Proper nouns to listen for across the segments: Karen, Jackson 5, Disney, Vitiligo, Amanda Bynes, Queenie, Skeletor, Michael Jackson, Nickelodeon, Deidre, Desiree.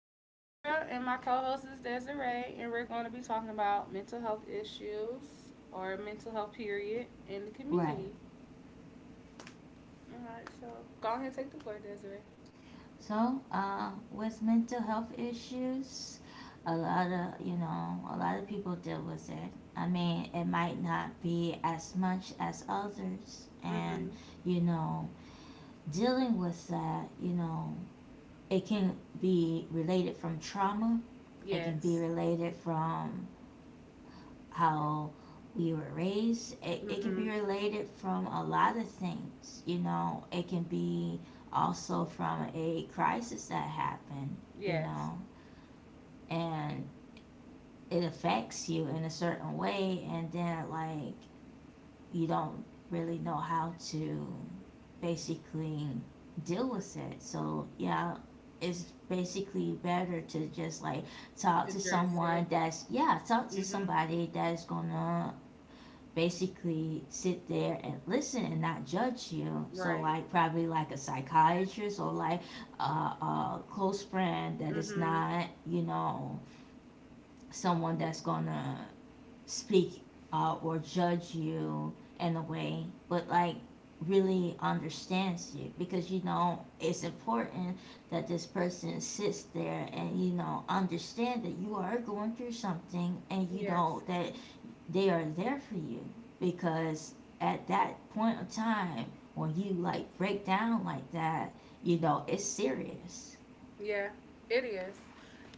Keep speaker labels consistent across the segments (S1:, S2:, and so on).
S1: I'm Deidre, and my co-host is Desiree, and we're going to be talking about mental health issues or mental health period in the
S2: Right.
S1: community. All right, so go ahead and take the floor, Desiree.
S2: So with mental health issues, a lot of people deal with it. I mean, it might not be as much as others, and
S1: Mm-hmm.
S2: you know, dealing with that, it can be related from trauma. It can be
S1: Yes.
S2: related from how we were raised. It can be
S1: Mm-hmm.
S2: related from a lot of things, you know. It can be also from a crisis that happened, you know,
S1: Yes.
S2: and it affects you in a certain way, and then, like, you don't really know how to basically deal with it. So, yeah. It's basically better to just like talk to
S1: Address
S2: someone
S1: it.
S2: that's yeah talk to
S1: Mm-hmm.
S2: somebody that's gonna basically sit there and listen and not judge you. So
S1: Right.
S2: like probably like a psychiatrist or like a close friend that is
S1: Mm-hmm.
S2: not someone that's gonna speak or judge you in a way, but like really understands you because you know it's important that this person sits there and you know understand that you are going through something and you know
S1: Yes.
S2: that they are there for you because at that point of time when you like break down like that you know it's serious.
S1: Yeah, it is.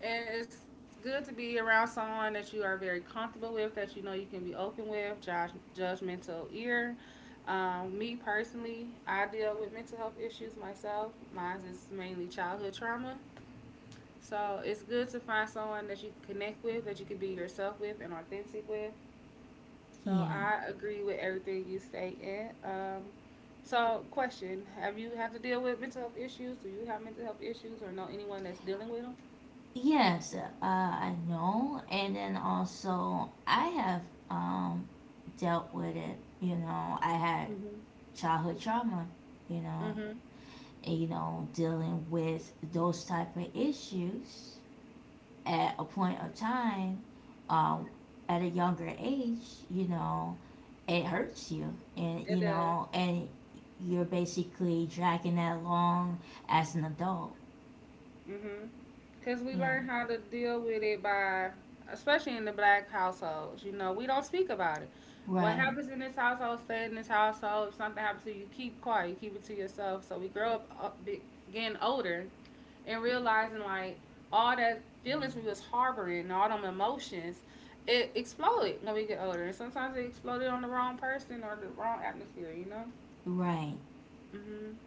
S1: And it's good to be around someone that you are very comfortable with, that you know you can be open with, judgmental ear. Me personally, I deal with mental health issues myself. Mine is mainly childhood trauma. So it's good to find someone that you can connect with, that you can be yourself with and authentic with. So
S2: Yeah.
S1: I agree with everything you say. In So question: Have you have to deal with mental health issues? Do you have mental health issues, or know anyone that's dealing with them?
S2: Yes, I know, and then also I have um dealt with it. You know, I had
S1: Hmm.
S2: childhood trauma, you know.
S1: Mhm.
S2: And, you know, dealing with those type of issues at a point of time, um, at a younger age, you know, it hurts you, and
S1: It
S2: you
S1: does.
S2: know, and you're basically dragging that along as an adult.
S1: Mhm. Because we
S2: Yeah.
S1: learn how to deal with it by, especially in the black households, you know, we don't speak about it. What
S2: Right.
S1: happens in this household, stay in this household. If something happens to you, keep quiet, you keep it to yourself. So we grow up, getting older and realizing like all that feelings we was harboring, all them emotions, it exploded when we get older. And sometimes it exploded on the wrong person or the wrong atmosphere, you know?
S2: Right.
S1: Hmm.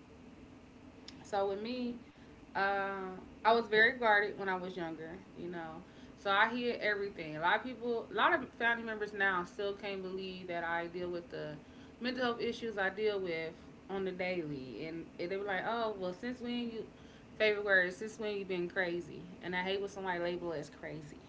S1: So with me, um, I was very guarded when I was younger, you know. So I hear everything. A lot of people, a lot of family members now still can't believe that I deal with the mental health issues I deal with on the daily, and they were like, "Oh, well, since when you favorite word? Since when you been crazy?" And I hate when somebody label as crazy.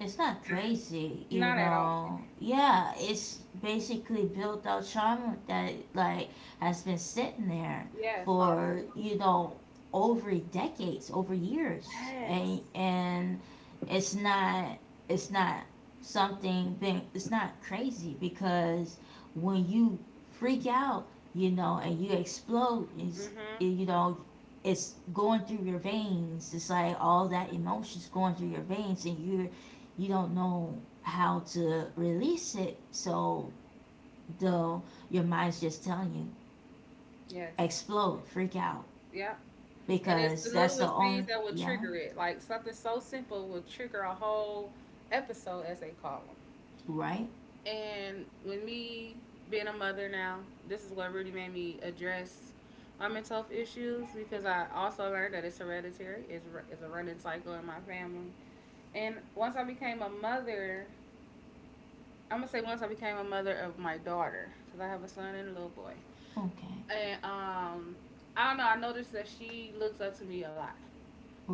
S2: It's not crazy, you
S1: Not at all.
S2: know. Yeah, it's basically built out trauma that like has been sitting there
S1: Yes, harder
S2: for you
S1: emotion.
S2: know over decades, over years,
S1: Yes.
S2: and it's not it's not something being it's not crazy because when you freak out, you know, and you explode, is
S1: Mhm.
S2: you know it's going through your veins. It's like all that emotions going through your veins, and you don't know how to release it. So the your mind's just telling you
S1: Yes.
S2: explode, freak out
S1: Yep. And it's the
S2: because that's
S1: littlest
S2: the
S1: things
S2: only
S1: that will
S2: yeah,
S1: trigger it. Like something so simple will trigger a whole episode, as they call them.
S2: right?
S1: And with me being a mother now, this is what really made me address my mental health issues because I also learned that it's hereditary, it's a running cycle in my family. And once I became a mother, I'm gonna say once I became a mother of my daughter, because I have a son and a little boy.
S2: Okay.
S1: And I don't know, I noticed that she looks up to me a lot.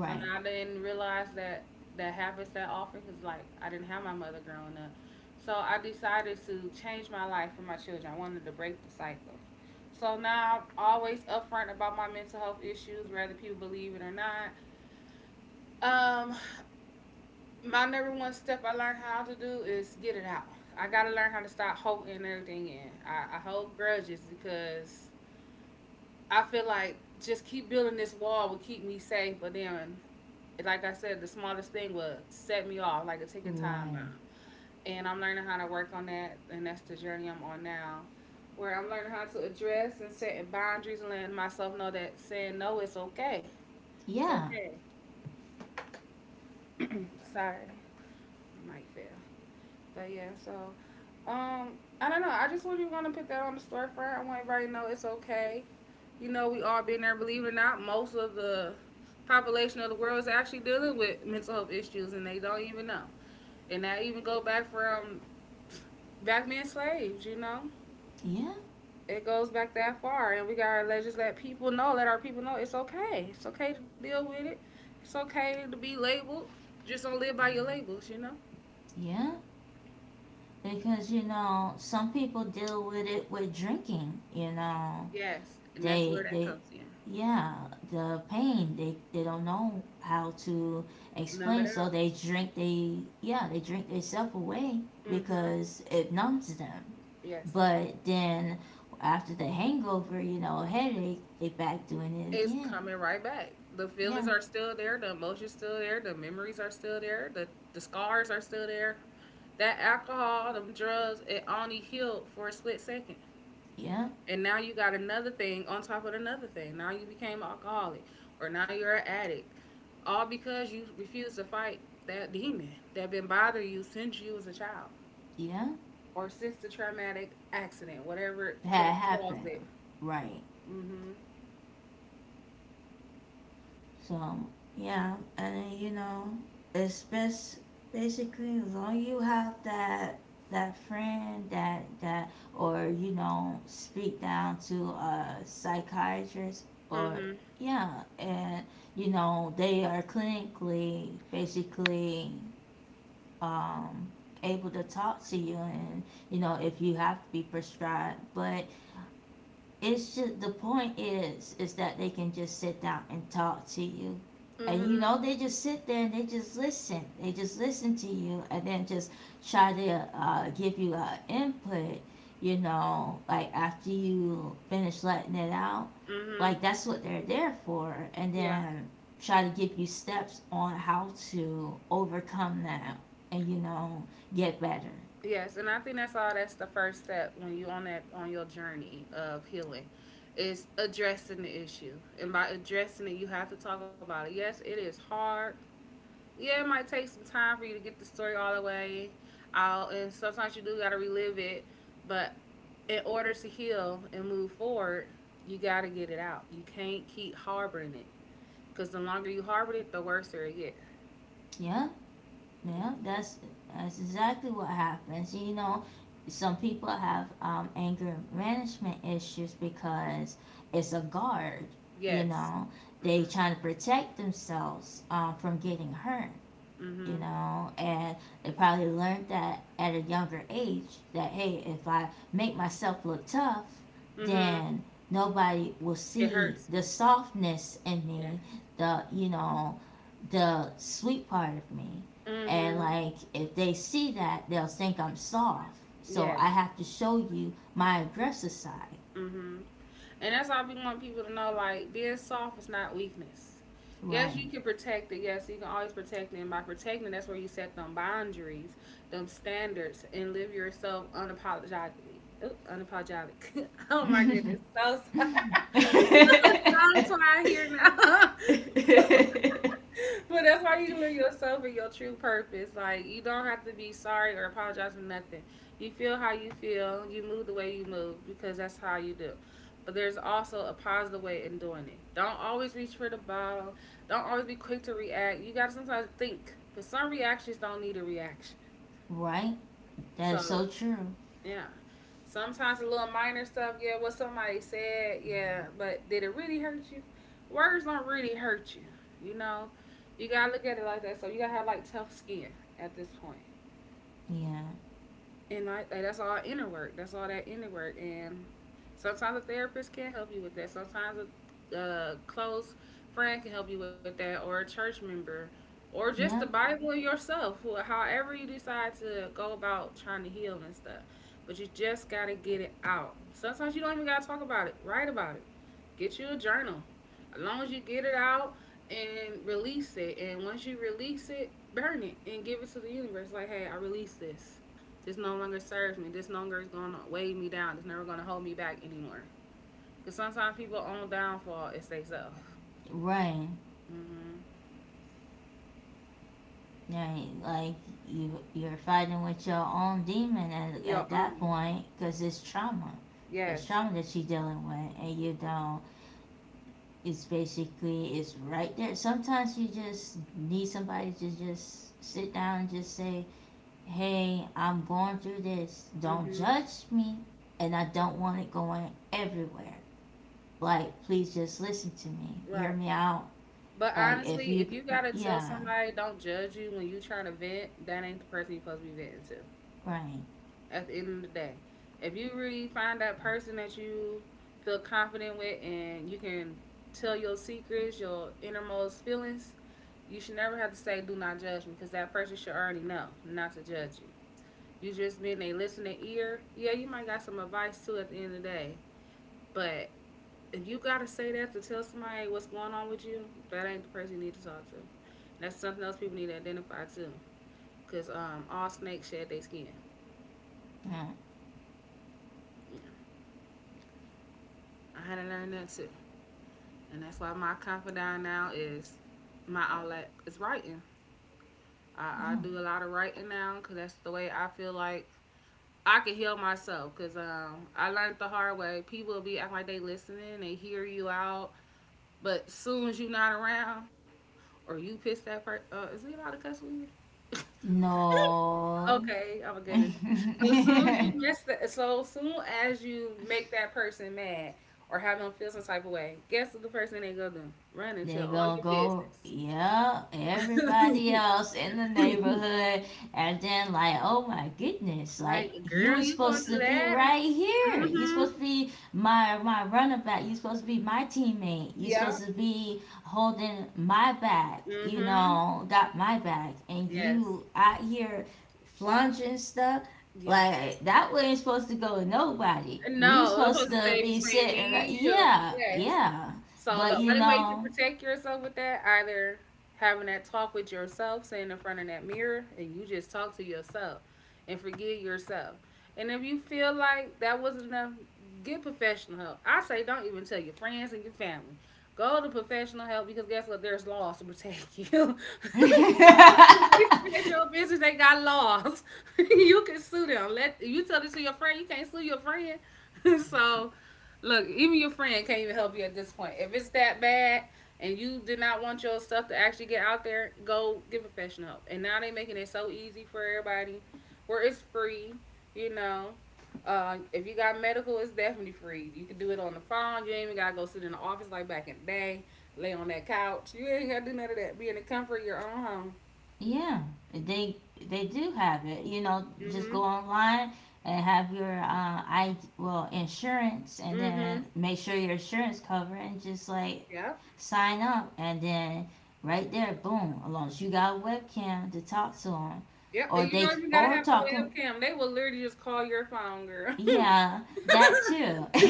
S1: So now I didn't realize that that happens that often because, like, I didn't have my mother growing up. So I decided to change my life for my children. I wanted to break the cycle. So now I'm always upfront about my mental health issues, whether people believe it or not. Um, my number one step I learned how to do is get it out. I gotta learn how to stop holding everything in. I hold grudges because I feel like just keep building this wall will keep me safe, but then like I said, the smallest thing would set me off like a ticking time bomb.
S2: Right.
S1: And I'm learning how to work on that, and that's the journey I'm on now, where I'm learning how to address and setting boundaries and letting myself know that saying no is okay. It's
S2: Yeah.
S1: okay. Sorry, my mic fell. But yeah, so um, I don't know. I just really want to put that on the storefront. I want everybody to know it's okay. You know, we all been there. Believe it or not, most of the population of the world is actually dealing with mental health issues, and they don't even know. And that even go back from back being slaves, you know?
S2: Yeah.
S1: It goes back that far. And we gotta just let people know, let our people know it's okay. It's okay to deal with it. It's okay to be labeled. Just don't live by your labels, you know?
S2: Yeah. Because you know, some people deal with it with drinking, you know.
S1: Yes. And that's where
S2: they
S1: that
S2: they
S1: comes in.
S2: yeah the pain they don't know how to
S1: Numb it
S2: explain, so
S1: out.
S2: they drink, they yeah they drink themselves away
S1: Mm-hmm.
S2: because it numbs them.
S1: Yes.
S2: But then after the hangover you know headache they back doing it
S1: It's
S2: again.
S1: coming right back. The feelings
S2: Yeah.
S1: are still there, the emotions still there, the memories are still there, the scars are still there. That alcohol, them drugs, it only healed for a split second.
S2: Yeah.
S1: And now you got another thing on top of another thing. Now you became an alcoholic or now you're an addict. All because you refuse to fight that demon that been bothering you since you was a child
S2: Yeah,
S1: or since the traumatic accident, whatever could
S2: that
S1: have caused
S2: happened.
S1: it.
S2: Right.
S1: Mhm.
S2: So yeah, and you know, it's best basically as long you have that that friend that that or you know speak down to a psychiatrist, or
S1: Mhm.
S2: yeah, and you know they are clinically basically um able to talk to you, and you know, if you have to be prescribed, but it's just the point is that they can just sit down and talk to you, and you
S1: Mhm.
S2: know, they just sit there and they just listen, they just listen to you, and then just try to give you input, you know, like after you finish letting it out,
S1: Mhm.
S2: like that's what they're there for. And
S1: Yeah.
S2: then try to give you steps on how to overcome that, and you know, get better.
S1: Yes, and I think that's all. That's the first step when you on your journey of healing, is addressing the issue. And by addressing it, you have to talk about it. Yes, it is hard. Yeah, it might take some time for you to get the story all the way out, and sometimes you do gotta relive it. But in order to heal and move forward, you gotta get it out. You can't keep harboring it, cause the longer you harbor it, the worse it gets.
S2: Yeah.
S1: Yeah.
S2: Yeah, that's exactly what happens. You know, some people have anger management issues because it's a guard. You
S1: Yes.
S2: know, they
S1: Mhm.
S2: trying to protect themselves from getting hurt, you
S1: Mhm.
S2: know, and they probably learned that at a younger age that hey, if I make myself look tough,
S1: Mhm.
S2: then nobody will
S1: It
S2: see
S1: hurts
S2: the
S1: me.
S2: softness in
S1: Yes.
S2: me, the you know, the sweet part of me. And
S1: Mhm.
S2: like if they see that, they'll think I'm soft. So
S1: Yes.
S2: I have to show you my aggressive side,
S1: Mhm. And that's all we want people to know. Like being soft is not weakness. Yes,
S2: right?
S1: you can protect it. Yes, you can always protect it. And by protecting, that's where you set them boundaries, them standards, and live yourself unapologetically. Oop, unapologetic. Oh my goodness. So sorry. I'm so tired here now. But that's why you live yourself and your true purpose. Like you don't have to be sorry or apologize for nothing. You feel how you feel. You move the way you move because that's how you do. But there's also a positive way in doing it. Don't always reach for the bottle. Don't always be quick to react. You gotta sometimes think. Because some reactions don't need a reaction.
S2: Right? That is
S1: So
S2: so true.
S1: yeah. Sometimes a little minor stuff, yeah, what somebody said, yeah, but did it really hurt you? Words don't really hurt you, you know? You gotta look at it like that. So you gotta have like tough skin at this point
S2: Yeah.
S1: and that's all inner work. That's all that inner work. And sometimes a therapist can help you with that. Sometimes a close friend can help you with that, or a church member, or just the
S2: Yeah.
S1: Bible yourself. However you decide to go about trying to heal and stuff, but you just gotta get it out. Sometimes you don't even gotta talk about it. Write about it. Get you a journal. As long as you get it out and release it, and once you release it, burn it and give it to the universe. Like, hey, I release this. This no longer serves me. This no longer is gonna weigh me down. It's never gonna hold me back anymore. Cause sometimes people own downfall is they self.
S2: Right.
S1: Mm-hmm.
S2: Right. Like you you're fighting with your own demon at
S1: Your
S2: that
S1: own.
S2: point cuz it's trauma. It's
S1: Yes.
S2: trauma that you're dealing with, and you don't it's basically it's right there. Sometimes you just need somebody to just sit down and just say, "Hey, I'm going through this. Don't
S1: Mm-hmm.
S2: judge me." And I don't want it going everywhere. Like, please just listen to me. Hear
S1: Right.
S2: me out.
S1: But
S2: Like if
S1: honestly,
S2: you,
S1: if you gotta tell
S2: yeah,
S1: somebody don't judge you when you trying to vent, that ain't the person you supposed to be venting to.
S2: right.
S1: At the end of the day. If you really find that person that you feel confident with and you can tell your secrets, your innermost feelings, you should never have to say, do not judge me, because that person should already know not to judge you. You just been a listening ear. Yeah, you might got some advice too at the end of the day. But if you got to say that to tell somebody what's going on with you, that ain't the person you need to talk to. And that's something else people need to identify too. Because all snakes shed their skin. Yeah, I had to learn that too. And that's why my confidant now is my outlet is writing. I
S2: No,
S1: do a lot of writing now because that's the way I feel like I can heal myself. Because I learned the hard way. People will be acting like they listening, they hear you out, but as soon as you not around or you piss that person, is we allowed to cuss when you?
S2: no,
S1: Okay, I'm gonna
S2: no.
S1: get this. So as soon as you mess that, so soon as you make that person mad or have them feel some type of way, guess what the first thing they gonna do? Run and tell
S2: They
S1: all your
S2: gonna go,
S1: business.
S2: yeah, everybody else in the neighborhood, and then like, oh my goodness,
S1: Like,
S2: like you
S1: girl,
S2: was
S1: you gonna
S2: supposed to
S1: do
S2: be
S1: that? And
S2: right here. You
S1: Mm-hmm.
S2: supposed to be my runabout. You supposed to be my teammate. You
S1: Yeah.
S2: supposed to be holding my back. You
S1: Mm-hmm.
S2: know, got my back, and
S1: Yes.
S2: you out here flunging stuff.
S1: Yes.
S2: Like that wasn't supposed to go to nobody. We was
S1: No, it was
S2: supposed
S1: supposed to
S2: to
S1: stay
S2: be
S1: between
S2: sitting
S1: me
S2: right.
S1: and you.
S2: Yeah,
S1: Yes.
S2: yeah.
S1: So the
S2: But you
S1: only way you can
S2: know,
S1: protect yourself with that, either having that talk with yourself, sitting in front of that mirror, and you just talk to yourself and forgive yourself. And if you feel like that wasn't enough, get professional help. I say don't even tell your friends and your family. Go to professional help because guess what? There's laws to protect you. They
S2: yeah,
S1: spread your business. They got laws. You can sue them. Let you tell this to your friend. You can't sue your friend. so, Look, even your friend can't even help you at this point. If it's that bad and you did not want your stuff to actually get out there, go get professional help. And now they making it so easy for everybody, where it's free. You know, if you got medical, it's definitely free. You can do it on the phone. You ain't even gotta go sit in the office like back in the day. Lay on that couch. You ain't gotta do none of that. Be in the comfort of your own home.
S2: they they do have it. You know, just go
S1: Mhm.
S2: online and have your I well insurance, and then
S1: Mhm.
S2: make sure your insurance cover, and just like
S1: Yep.
S2: sign up, and then right there, boom. As long as you got a webcam to talk to them,
S1: Yep.
S2: or
S1: And you don't
S2: they
S1: even gotta
S2: or
S1: have a
S2: talk 'em-
S1: webcam. They will literally just call your phone, girl.
S2: Yeah, that too.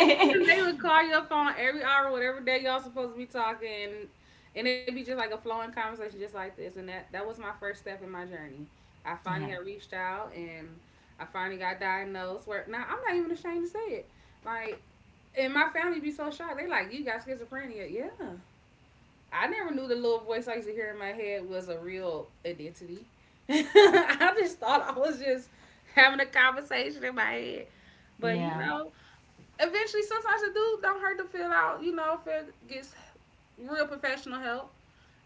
S1: They would call your phone every hour, whatever day y'all supposed to be talking, and it'd be just like a flowing conversation, just like this. And that was my first step in my journey. I finally
S2: Yeah,
S1: had reached out, and I finally got diagnosed. Where now I'm not even ashamed to say it. Like, and my family be so shocked. They like, you got schizophrenia? Yeah. I never knew the little voice I used to hear in my head was a real identity. I just thought I was just having a conversation in my head. But you
S2: yeah,
S1: know, Eventually sometimes it do don't hurt to fill out, you know, if it gets real professional help.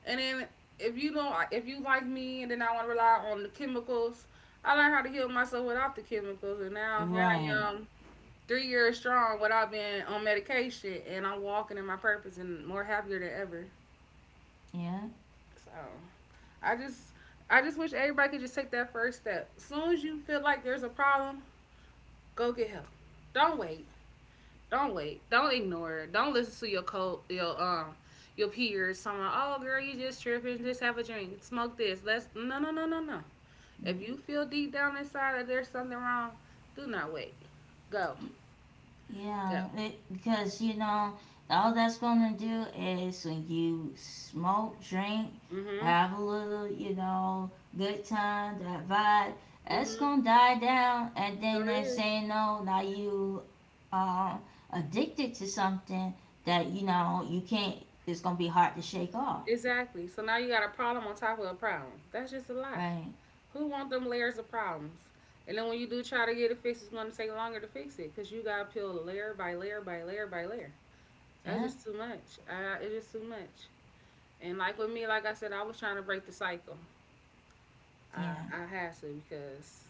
S1: And then if you like me and then I wanna rely on the chemicals, I learned how to heal myself without the chemicals, and now here
S2: right.
S1: I am 3 years strong without being on medication, and I'm walking in my purpose and more happier than ever.
S2: Yeah.
S1: So I just I just wish everybody could just take that first step. As soon as you feel like there's a problem, go get help. Don't wait. Don't wait. Don't ignore it. Don't listen to your co your peers talking about, oh girl, you just tripping, just have a drink, smoke this. Let's no no no no no. If you feel deep down inside that there's something wrong, do not wait. Go. Go.
S2: Yeah, it, because you know, all that's gonna do is when you smoke, drink,
S1: hmm
S2: have a little, you know, good time, that vibe, that's
S1: hmm
S2: gonna die down, and then
S1: Sure
S2: they're
S1: is.
S2: saying no, now you um addicted to something that you know you can't. It's gonna be hard to shake off,
S1: Exactly. So now you got a problem on top of a problem. That's just a lot.
S2: right?
S1: Who want them layers of problems? And then when you do try to get it fixed, it's going to take longer to fix it because you got to peel layer by layer by layer by layer. That's
S2: Yeah,
S1: just too much. It's just too much. And like with me, like I said, I was trying to break the cycle. I,
S2: yeah,
S1: I had to because,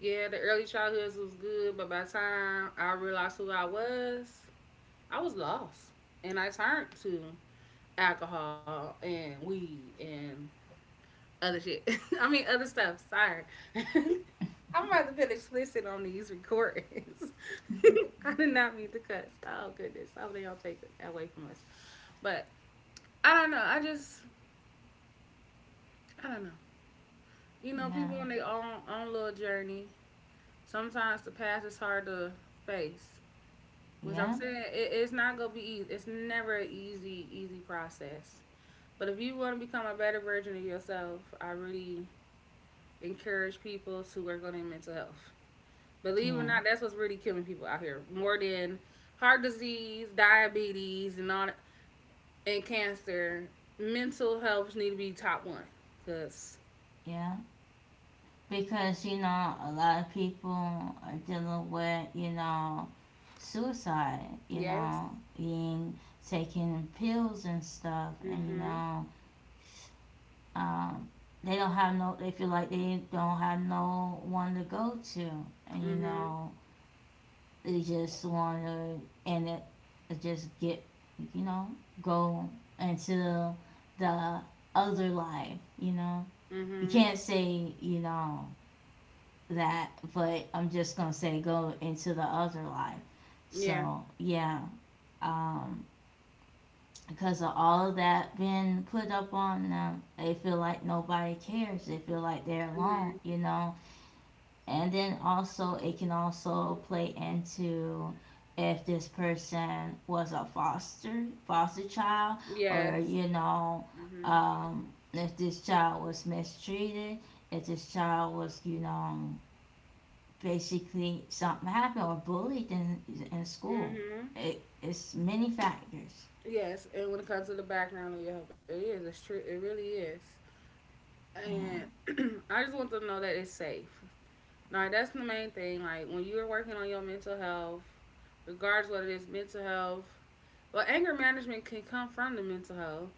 S1: yeah, the early childhoods was good, but by the time I realized who I was lost. And I turned to alcohol and weed and other shit. I mean, other stuff. Sorry. I'm about to put explicit on these recordings. I did not mean to cuss. Oh goodness. I hope they all take it away from us. But I don't know. I don't know. You know, people
S2: yeah,
S1: on their own little journey. Sometimes the past is hard to face. Which I'm
S2: yeah,
S1: saying it's not gonna be easy. It's never an easy, easy process. But if you want to become a better version of yourself, I really encourage people to work on their mental health. Believe it or
S2: yeah,
S1: not, that's what's really killing people out here more than heart disease, diabetes, and cancer. Mental health need to be top one. Cause
S2: yeah. Because you know a lot of people are dealing with you know suicide, you
S1: yes,
S2: know, being taking pills and stuff, and you
S1: mhm,
S2: know, um, they don't have no they feel like they don't have no one to go to, and you
S1: mhm,
S2: know they just want to and it just get you know go into the other life, you know. You
S1: mhm,
S2: can't say you know that, but I'm just gonna say go into the other life.
S1: yeah,
S2: So yeah, um, because of all of that being put up on them, they feel like nobody cares. They feel like they're alone,
S1: mhm,
S2: you know. And then also, it can also play into if this person was a foster child, or
S1: yes,
S2: you know,
S1: mhm,
S2: if this child was mistreated, if this child was, you know, basically something happened or bullied in school.
S1: mhm,
S2: It, it's many factors.
S1: yes. And when it comes to the background of your health, it is. It's true. It really is. And
S2: Yeah,
S1: I just want them to know that it's safe. Like that's the main thing. Like when you are working on your mental health, regardless what it is, mental health. Well, anger management can come from the mental health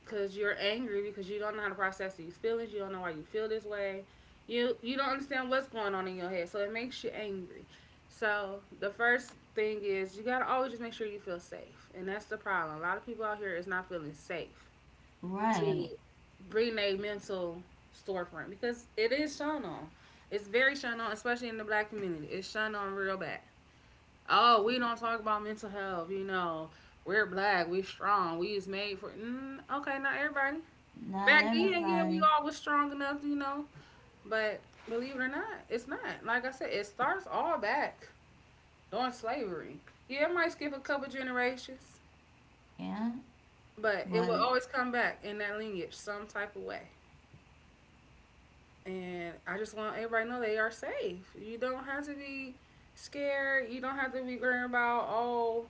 S1: because you're angry because you don't know how to process these feelings. You don't know why you feel this way. You don't understand what's going on in your head, so it makes you angry. So the first thing is you gotta always just make sure you feel safe, and that's the problem. A lot of people out here is not feeling safe to
S2: right.
S1: bring their mental storefront because it is shown on. It's very shown on, especially in the black community. It's shown on real bad. Oh, we don't talk about mental health. You know, we're black. We are strong. We is made for. Mm, okay, not everybody.
S2: Not
S1: Back then, yeah, we
S2: everybody.
S1: all was strong enough, you know. But believe it or not, it's not. Like I said, it starts all back during slavery. Yeah, it might skip a couple generations,
S2: Yeah,
S1: but it
S2: but
S1: will always come back in that lineage some type of way. And I just want everybody to know they are safe. You don't have to be scared. You don't have to be worrying about, oh,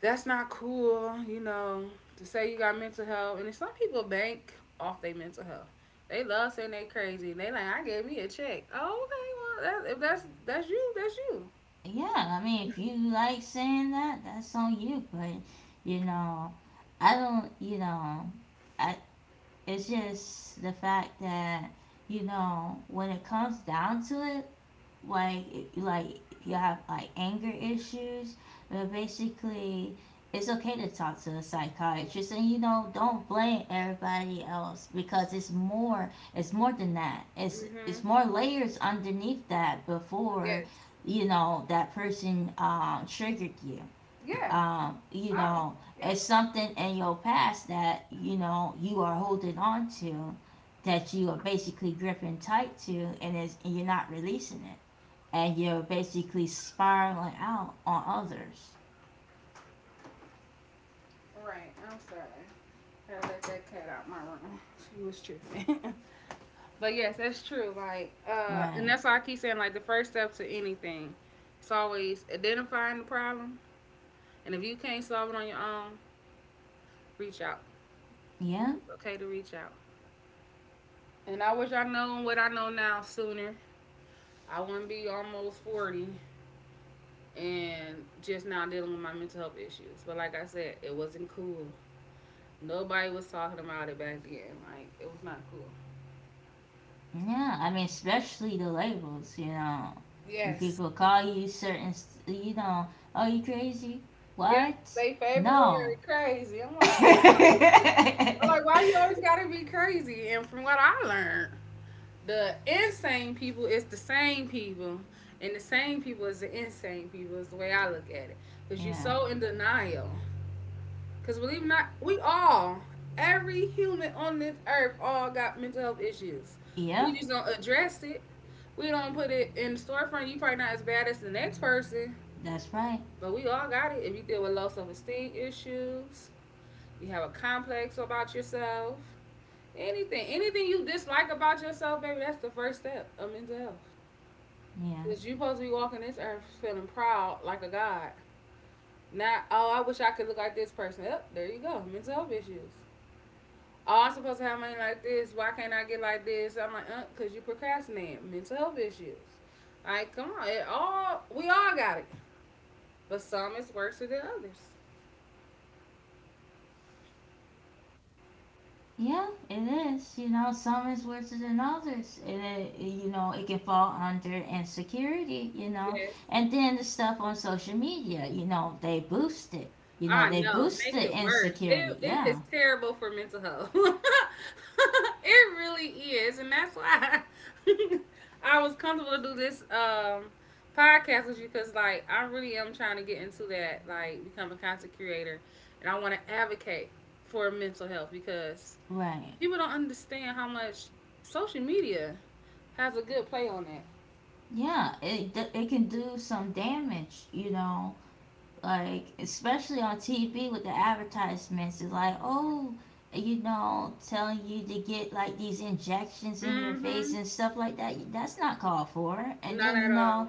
S1: that's not cool, you know, to say you got mental health. And then some people bank off their mental health. They love saying they crazy. And they like, I gave me a check. Oh, okay. Well, that, if that's you, that's you.
S2: yeah, I mean, if you like saying that, that's on you. But you know, I don't. You know, I. It's just the fact that you know when it comes down to it, like if you have like anger issues, but basically it's okay to talk to a psychiatrist, and you know don't blame everybody else because it's more than that.
S1: Mm-hmm.
S2: It's more layers underneath that before
S1: Yes.
S2: you know that person triggered you.
S1: Yeah.
S2: You
S1: I,
S2: know,
S1: yes.
S2: it's something in your past that you know you are holding on to, that you are basically gripping tight to and, is, and you're not releasing it, and you're basically spiraling out on others.
S1: Right. I'm sorry. I let that cat out my room. She was tripping. But yes, that's true. Like, and
S2: Right.
S1: that's why I keep saying like the first step to anything, it's always identifying the problem, and if you can't solve it on your own, reach out.
S2: Yeah.
S1: It's okay to reach out. And I wish I known what I know now sooner. I wouldn't be almost 40 and just now dealing with my mental health issues. But like I said, it wasn't cool. Nobody was talking about it back then. Like, it was not cool.
S2: Yeah. I mean, especially the labels, you know. When
S1: Yes.
S2: people call you certain, st- you know, oh, you crazy?
S1: Yeah,
S2: What?
S1: they favorite word
S2: No.
S1: crazy. I'm like.
S2: Yeah.
S1: I'm like, why you always gotta be crazy? And from what I learned, the insane people is the same people, and the same people is the insane people. Is the way I look at it. Cause you're so in denial. Cause believe it or not, every human on this earth, all got mental health issues.
S2: Yeah.
S1: We just don't address it. We don't put it in the storefront. You probably not as bad as the next person,
S2: That's right.
S1: but we all got it. If you deal with low self esteem issues, you have a complex about yourself. Anything you dislike about yourself, baby, that's the first step of mental health.
S2: Yeah.
S1: Cause you supposed to be walking this earth feeling proud like a god. Not oh, I wish I could look like this person. Up there you go, mental health issues. Oh, I'm supposed to have money like this. Why can't I get like this? I'm like, cause you procrastinate. Mental health issues. Like, come on, it all we all got it, but some is worse than others.
S2: Yeah, it is. You know, some is worse than others. It- you know, it can fall under insecurity, you know.
S1: Yes.
S2: And then the stuff on social media, you know, they boost it. You know,
S1: I
S2: they
S1: know,
S2: boost
S1: makes
S2: the
S1: it worse.
S2: insecurity.
S1: It is
S2: Yeah,
S1: terrible for mental health. It really is, and that's why I was comfortable to do this podcast with you because like I really am trying to get into that, like become a content creator, and I want to advocate for mental health because
S2: right.
S1: people don't understand how much social media has a good play on that.
S2: Yeah, it, d- it can do some damage, you know. Like especially on TV with the advertisements, it's like oh you know telling you to get like these injections in your face
S1: Mm-hmm.
S2: and stuff like that that's not called for. And
S1: Not
S2: then you
S1: at all.
S2: know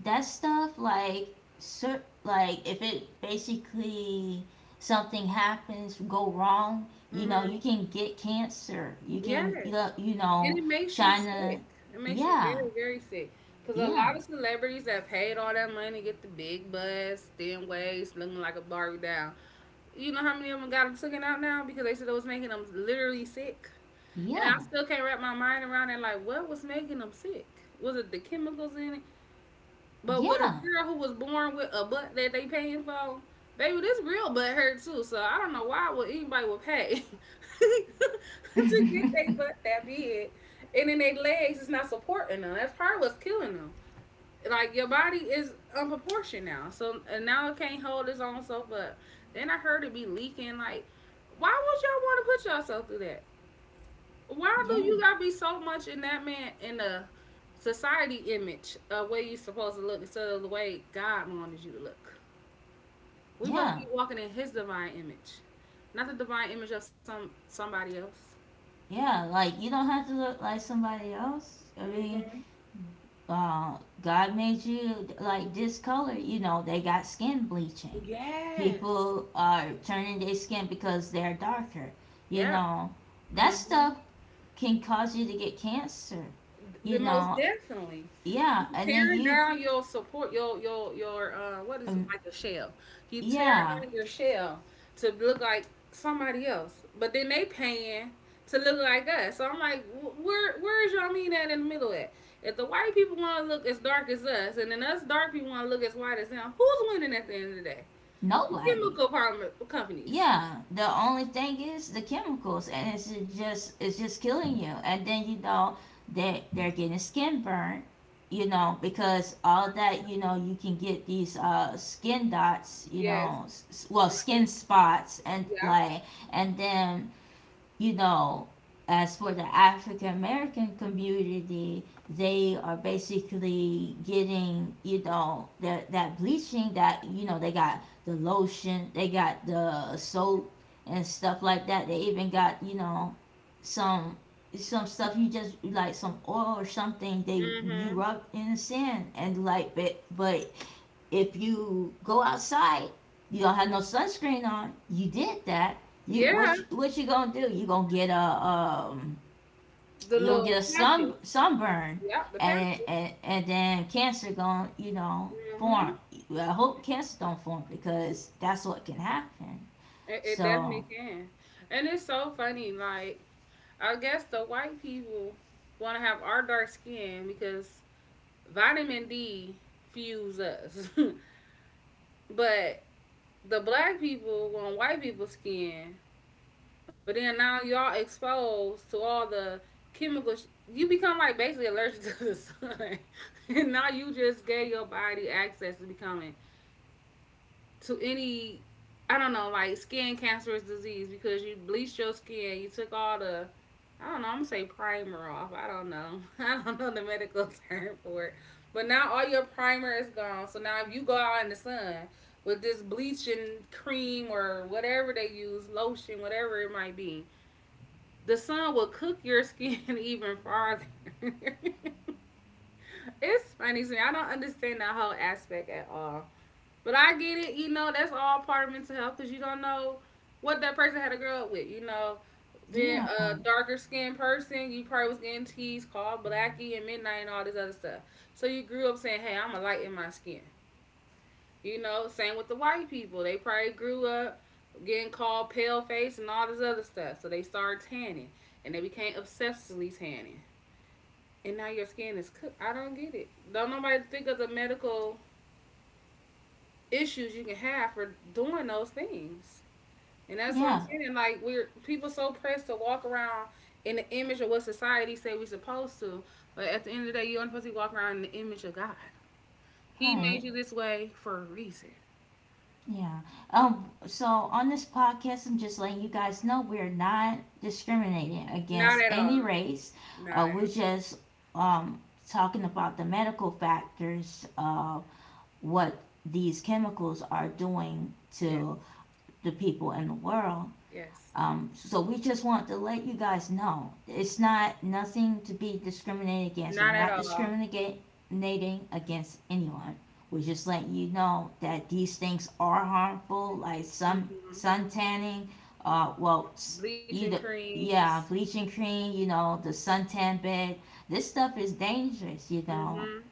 S2: that stuff like cer- like if it basically something happens go wrong, you know,
S1: Mm-hmm.
S2: you can get cancer, you can you
S1: Yes.
S2: you
S1: And
S2: know.
S1: it makes you sick.
S2: China.
S1: It makes you
S2: Yeah.
S1: very, very sick. Because a lot
S2: Yeah.
S1: of celebrities that paid all that money get the big butts, thin waist, looking like a Barbie doll. You know how many of them got them taken out now because they said it was making them literally sick. And I
S2: Yeah.
S1: still can't wrap my mind around it. Like, what was making them sick? Was it the chemicals in it? But with a
S2: Yeah.
S1: girl who was born with a butt that they paying for, baby, this real butt hurt too. So I don't know why would anybody would pay to get their
S2: Yeah.
S1: butt that big, and then their legs is not supporting them. That's probably what's killing them. Like your body is unproportioned now, so and now it can't hold its own self up. Then I heard it be leaking. Like, why would y'all want to put yourself through that? Why do you gotta be so much in that man in the society image of where you supposed to look instead of the way God wanted you to look? We supposed to
S2: Yeah.
S1: be walking in His divine image, not the divine image of somebody else.
S2: Yeah, like you don't have to look like somebody else. I mean,
S1: Hmm.
S2: God made you like this color. You know, they got skin bleaching.
S1: Yes.
S2: People are turning their skin because they're darker. You
S1: Yeah.
S2: know, that
S1: Hmm.
S2: stuff can cause you to get cancer. You
S1: The most
S2: know,
S1: definitely. You
S2: yeah, and then
S1: tearing
S2: you,
S1: down your support, your what is it
S2: um,
S1: like a shell? You tearing
S2: yeah,
S1: down your shell to look like somebody else, but then they paying to look like us. So I'm like, where is y'all mean at in the middle at? If the white people want to look as dark as us, and then us dark people want to look as white as them, who's winning at the end of the day? The
S2: nobody.
S1: chemical pharma companies.
S2: Yeah, the only thing is the chemicals, and it's just killing you. And then you know they they're getting skin burn, you know, because all that you know you can get these skin dots, you
S1: Yes.
S2: know, s- s- well
S1: hmm
S2: skin spots, and
S1: Yeah.
S2: like, and then you know, as for the African American community, they are basically getting, you know, that that bleaching that, you know, they got the lotion, they got the soap and stuff like that. They even got, you know, some some stuff you just like some oil or something they you
S1: hmm
S2: rub in the sand and like but if you go outside, you don't have no sunscreen on. You did that. You
S1: Yeah.
S2: what? You, what you gonna do? You gonna get a um?
S1: The
S2: You gonna
S1: little
S2: get a
S1: patches.
S2: sunburn,
S1: Yeah, the
S2: and
S1: Panthers.
S2: and, and then cancer gonna form.
S1: Hmm
S2: Well, I hope cancer don't form because that's what can happen.
S1: It, it definitely
S2: So
S1: can. And it's so funny. Like, I guess the white people want to have our dark skin because vitamin D fuels us. But the black people want white people's skin. But then now y'all exposed to all the chemicals. You become like basically allergic to the sun. And now you just gave your body access to becoming to any I don't know, like skin cancerous disease because you bleached your skin, you took all the I don't know, I'm gonna say primer off. I don't know. I don't know the medical term for it. But now all your primer is gone. So now if you go out in the sun with this bleaching cream or whatever they use, lotion, whatever it might be, the sun will cook your skin even farther. It's funny to me. I don't understand that whole aspect at all. But I get it, that's all part of mental health because you don't know what that person had to grow up with. You know, being
S2: yeah,
S1: a darker skinned person, you probably was getting teased, called blackie and midnight and all this other stuff. So you grew up saying, hey, I'm a light in my skin. You know, same with the white people. They probably grew up getting called pale face and all this other stuff. So they started tanning and they became obsessively tanning. And now your skin is cooked. I don't get it. Don't nobody think of the medical issues you can have for doing those things. And that's what
S2: yeah,
S1: I'm saying. Like we're people so pressed to walk around in the image of what society say we're supposed to, but at the end of the day, you only supposed to walk around in the image of God. He
S2: right.
S1: made you this way for a reason.
S2: Yeah. So on this podcast, I'm just letting you guys know we're not discriminating
S1: Not
S2: against
S1: at all.
S2: any race.
S1: Not at
S2: We're just um, talking about the medical factors of what these chemicals are doing
S1: all. Yes.
S2: to the people in the world.
S1: Yes.
S2: So we just want to let you guys know it's not nothing to be discriminated against. We're
S1: Not at
S2: not
S1: all.
S2: discriminating against anyone. We're just letting you know that these things are harmful, like
S1: Hmm
S2: sun tanning. Uh, well,
S1: Bleaching
S2: either
S1: creams.
S2: yeah, bleaching cream. You know, the suntan bed. This stuff is dangerous. You know,
S1: Hmm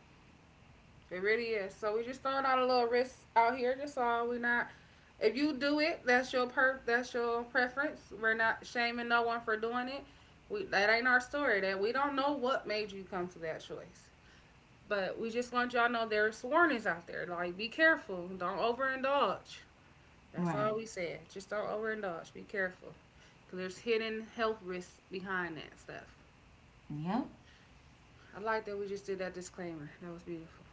S1: It really is. So we just throwing out a little risk out here. That's all. We're not. If you do it, that's your per. That's your preference. We're not shaming no one for doing it. We that ain't our story. That we don't know what made you come to that choice. But we just want y'all to know there's warnings out there. Like be careful. Don't overindulge. That's
S2: right?
S1: all we said. Just don't overindulge. Be careful. 'Cause there's hidden health risks behind that stuff.
S2: Yep.
S1: I like that we just did that disclaimer. That was beautiful.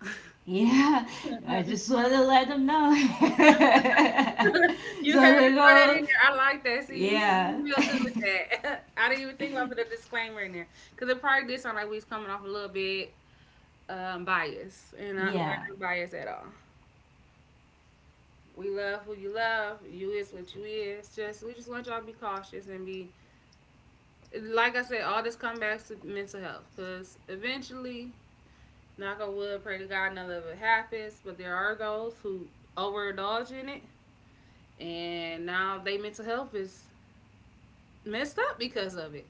S2: Yeah, I just want to let them know.
S1: You
S2: So
S1: had to
S2: they
S1: throw that
S2: go.
S1: in there. I like that. See, you
S2: Yeah.
S1: you real good with that. I didn't even think about putting a disclaimer in there because it probably did sound like we was coming off a little bit biased, and I, we're
S2: Yeah.
S1: not biased at all. We love who you love. You is what you is. Just we just want y'all to be cautious and be like I said. All this comes back to mental health because eventually, knock on wood, pray to God none of it happens. But there are those who overindulge in it, and now they mental health is messed up because of it.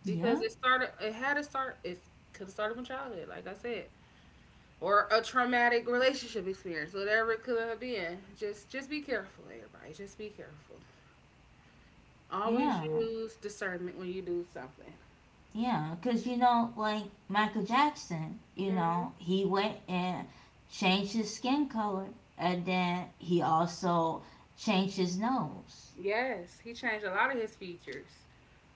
S2: Yeah.
S1: Because it started it had to start it could have started from childhood like I said, or a traumatic relationship experience whatever it could have been, just be careful everybody, just be careful. Always
S2: Yeah.
S1: use discernment when you do something.
S2: Yeah. Because, you know, like Michael Jackson, you
S1: Hmm
S2: know, he went and changed his skin color. And then he also changed his nose.
S1: yes, he changed a lot of his features.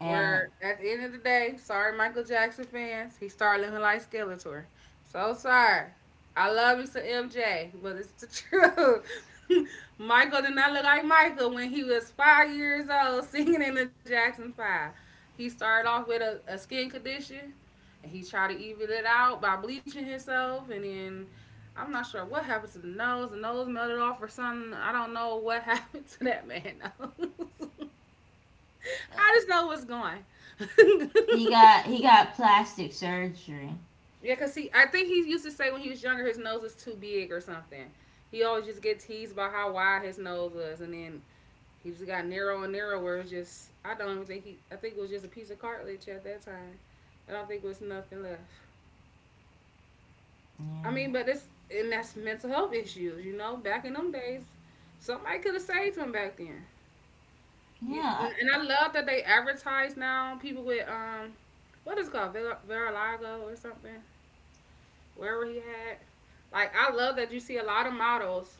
S2: And
S1: Where at the end of the day, sorry, Michael Jackson fans, he started looking like Skeletor. So sorry. I love you to MJ, but it's the truth. Michael did not look like Michael when he was 5 years old singing in the Jackson 5. He started off with a skin condition and he tried to even it out by bleaching himself and then I'm not sure what happened to the nose. The nose melted off or something. I don't know what happened to that man nose.
S2: uh,
S1: I just know what's going.
S2: he got he got plastic surgery.
S1: Yeah, cause he, I think he used to say when he was younger, his nose was too big or something. He always just get teased about how wide his nose was, and then he just got narrow and narrow. Where it was just, I don't even think he, I think it was just a piece of cartilage at that time. I don't think it was nothing left. I mean,
S2: Yeah.
S1: but it's and that's mental health issues, Back in them days, somebody could have saved him back then. You,
S2: Yeah.
S1: and
S2: I-
S1: I love that they advertise now people with what is it called Virilago or something. Wherever he had. Like I love that you see a lot of models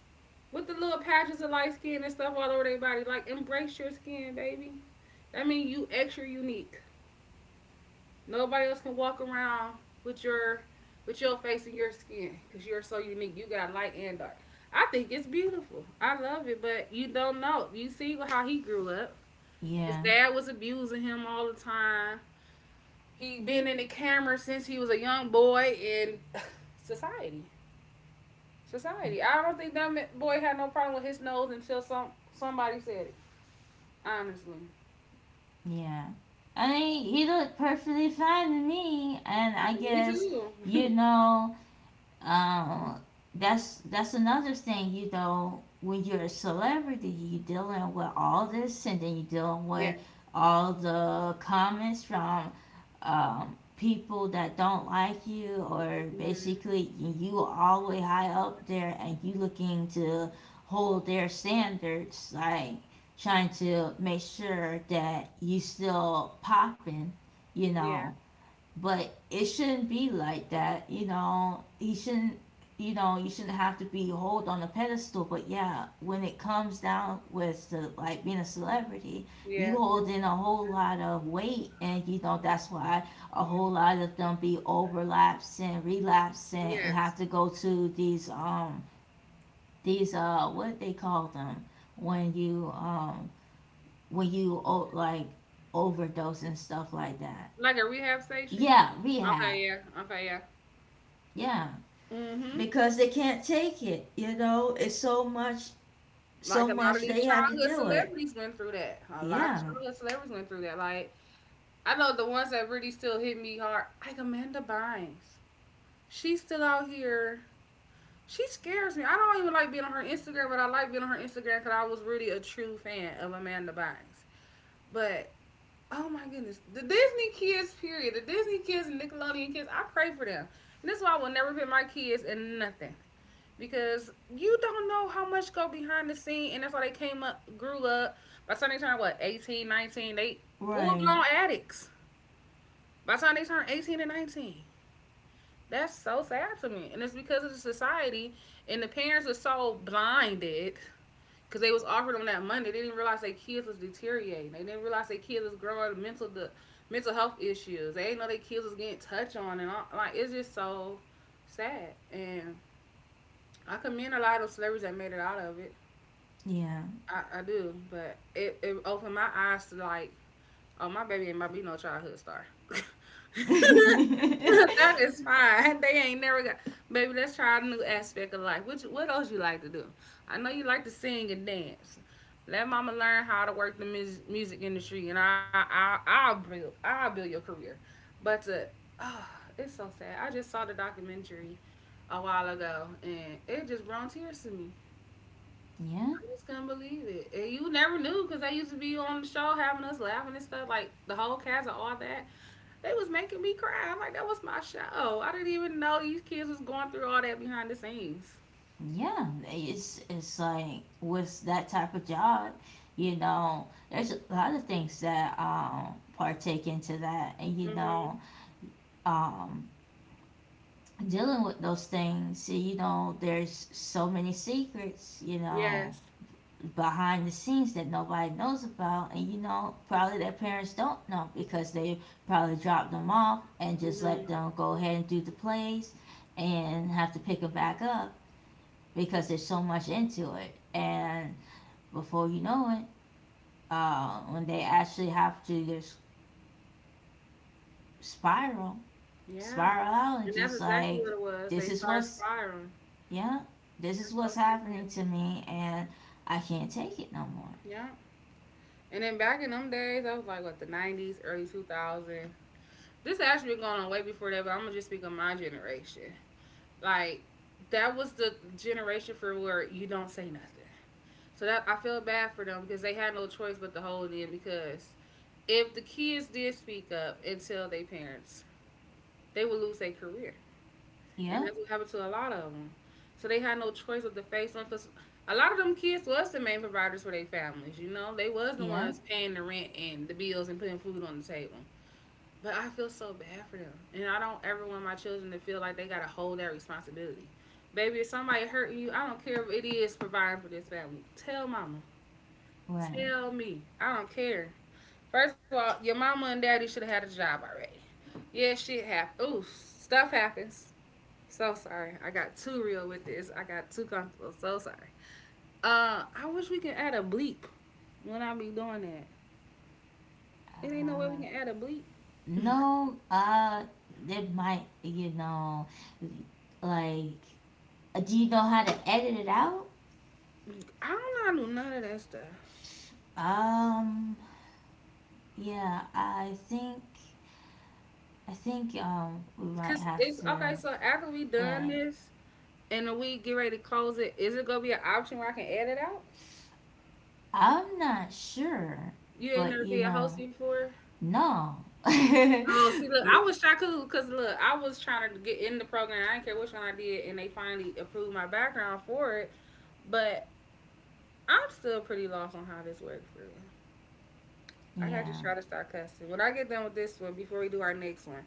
S1: with the little patches of light skin and stuff all over their body. Like embrace your skin, baby. That means you extra unique. Nobody else can walk around with your with your face and your skin because you're so unique. You got light and dark. I think it's beautiful. I love it, but you don't know. You see how he grew up. His
S2: yeah.
S1: dad was abusing him all the time. He been in the camera since he was a young boy in society. Society. I don't think that boy had no problem with his nose until somebody said it. Honestly,
S2: Yeah. I mean, he looked perfectly fine to me. And I
S1: me
S2: guess, you
S1: too.
S2: know, Um, that's another thing, you know, when you're a celebrity, you're dealing with all this, and then you're dealing
S1: yeah.
S2: with all the comments from people that don't like you, or
S1: hmm
S2: basically you all the way high up there, and you looking to hold their standards, like trying to make sure that you still popping, you
S1: Yeah.
S2: know. But it shouldn't be like that, you know, he shouldn't, you know, you shouldn't have to be hold on a pedestal. But yeah, when it comes down with the, like being a celebrity, you
S1: Yeah.
S2: hold in a whole lot of weight, and you know that's why a whole lot of them be overlapsing relapsing and have
S1: Yes.
S2: to go to these what they call them, when you when you, oh, like overdose and stuff like that.
S1: Like a rehab station.
S2: Yeah,
S1: Okay.
S2: rehab.
S1: Yeah. Okay. Yeah.
S2: Yeah,
S1: hmm
S2: because they can't take it. You know, it's
S1: Like
S2: so
S1: a lot of
S2: much
S1: these
S2: they have to
S1: childhood
S2: deal with.
S1: celebrities went through that. A lot of
S2: Yeah,
S1: childhood celebrities went through that. Like I know the ones that really still hit me hard, like Amanda Bynes. She's still out here. She scares me. I don't even like being on her Instagram, but I like being on her Instagram because I was really a true fan of Amanda Bynes. But oh my goodness, the Disney kids, period, the Disney kids and Nickelodeon kids, I pray for them. And that's why I will never put my kids in nothing because you don't know how much go behind the scene, and that's why they came up, grew up. By the time they turned what 18, 19, they full
S2: right.
S1: blown addicts. By the time they turned 18 and 19, that's so sad to me, and it's because of the society and the parents are so blinded because they was offering them that money. They didn't realize their kids was deteriorating. They didn't realize their kids was growing mental the mental health issues. They didn't know their kids was getting touched on, and all, like it's just so sad. And I commend a lot of celebrities that made it out of it.
S2: Yeah.
S1: I do, but it opened my eyes to like oh, my baby ain't about to be no childhood star.
S2: yeah,
S1: That is fine. They ain't never got baby. Let's try a new aspect of life. What what else you like to do? I know you like to sing and dance. Let mama learn how to work the music industry, and I'll build I'll build your career. But to, oh, it's so sad. I just saw the documentary a while ago, and it just brought tears to me. I just couldn't believe it. And you never knew because they used to be on the show having us laughing and stuff. Like the whole cast and all that. They was making me cry. I'm like, that was my show. I didn't even know these kids was going through all that behind the scenes.
S2: yeah. It's like with that type of job, you know, there's a lot of things that partake into that, and you
S1: Mhm.
S2: know, um dealing with those things, you know there's so many secrets, you know,
S1: Yes.
S2: behind the scenes that nobody knows about, and you know probably their parents don't know because they probably dropped them off and just let
S1: Mhm.
S2: them go ahead and do the plays and have to pick them back up because there's so much into it. And before you know it, when they actually have to just spiral
S1: Yeah.
S2: spiral out and
S1: And that's
S2: just
S1: exactly
S2: like,
S1: what it was.
S2: this
S1: They
S2: is
S1: started
S2: what's,
S1: spiraling.
S2: yeah, this is
S1: That's
S2: what's
S1: so sad.
S2: happening to me, and I can't take it no more.
S1: Yeah. And then back in them days, that was like what the 90s, early 2000. This actually been going on way before that, but I'm gonna just speak of my generation. Like that was the generation for where you don't say nothing. So that I feel bad for them because they had no choice but to hold in because if the kids did speak up and tell their parents, they would lose their career. And
S2: Yeah.
S1: that's what happened to a lot of them. So they had no choice but to face them because a lot of them kids was the main providers for their families. You know, they was the
S2: Yeah,
S1: ones paying the rent and the bills and putting food on the table. But I feel so bad for them. And I don't ever want my children to feel like they got to hold that responsibility. Baby, if somebody hurting you, I don't care if it is providing for this family. Tell mama.
S2: right.
S1: Tell me. I don't care. First of all, your mama and daddy should have had a job already. Yeah, shit happens. Ooh, stuff happens. So sorry. I got too real with this. I got too comfortable. So sorry. I wish we could add a bleep when I be doing that. It ain't no way we
S2: uh,
S1: can add a bleep.
S2: No, uh, It might, you know, like, do you know how to edit it out?
S1: I don't know how to do none of that stuff.
S2: Um, yeah, I think, I think we might
S1: Cause
S2: have
S1: it's okay.
S2: to,
S1: So after we done
S2: right.
S1: this and we get ready to close it, is it gonna be an option where I can edit out?
S2: I'm not sure,
S1: You ain't
S2: but
S1: never
S2: you
S1: be a host
S2: know,
S1: before.
S2: no.
S1: Oh, see, look, I
S2: W-
S1: was Shaku because look, I was trying to get in the program. I didn't care which one I did, and they finally approved my background for it. But I'm still pretty lost on how this works for real. I gotta just
S2: yeah.
S1: try to start cussing. When I get done with this one, before we do our next one,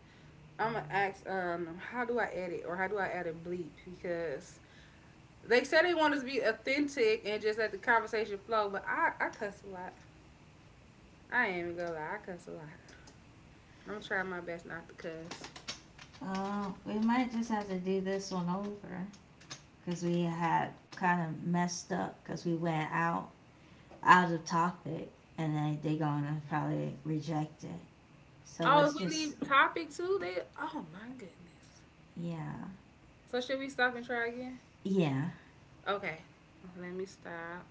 S1: I'm gonna ask how do I edit or how do I add a bleep because they said they want us to be authentic and just let the conversation flow, but I cuss a lot. I ain't even gonna lie, I cuss a lot. I'm trying my best not to cuss.
S2: We might just have to do this one over because we had kind of messed up because we went out of topic and they're gonna probably reject it. So
S1: Oh,
S2: let's
S1: if we
S2: just,
S1: leave topic two, they oh my goodness.
S2: yeah.
S1: So should we stop and try again?
S2: Yeah.
S1: Okay. Let me stop.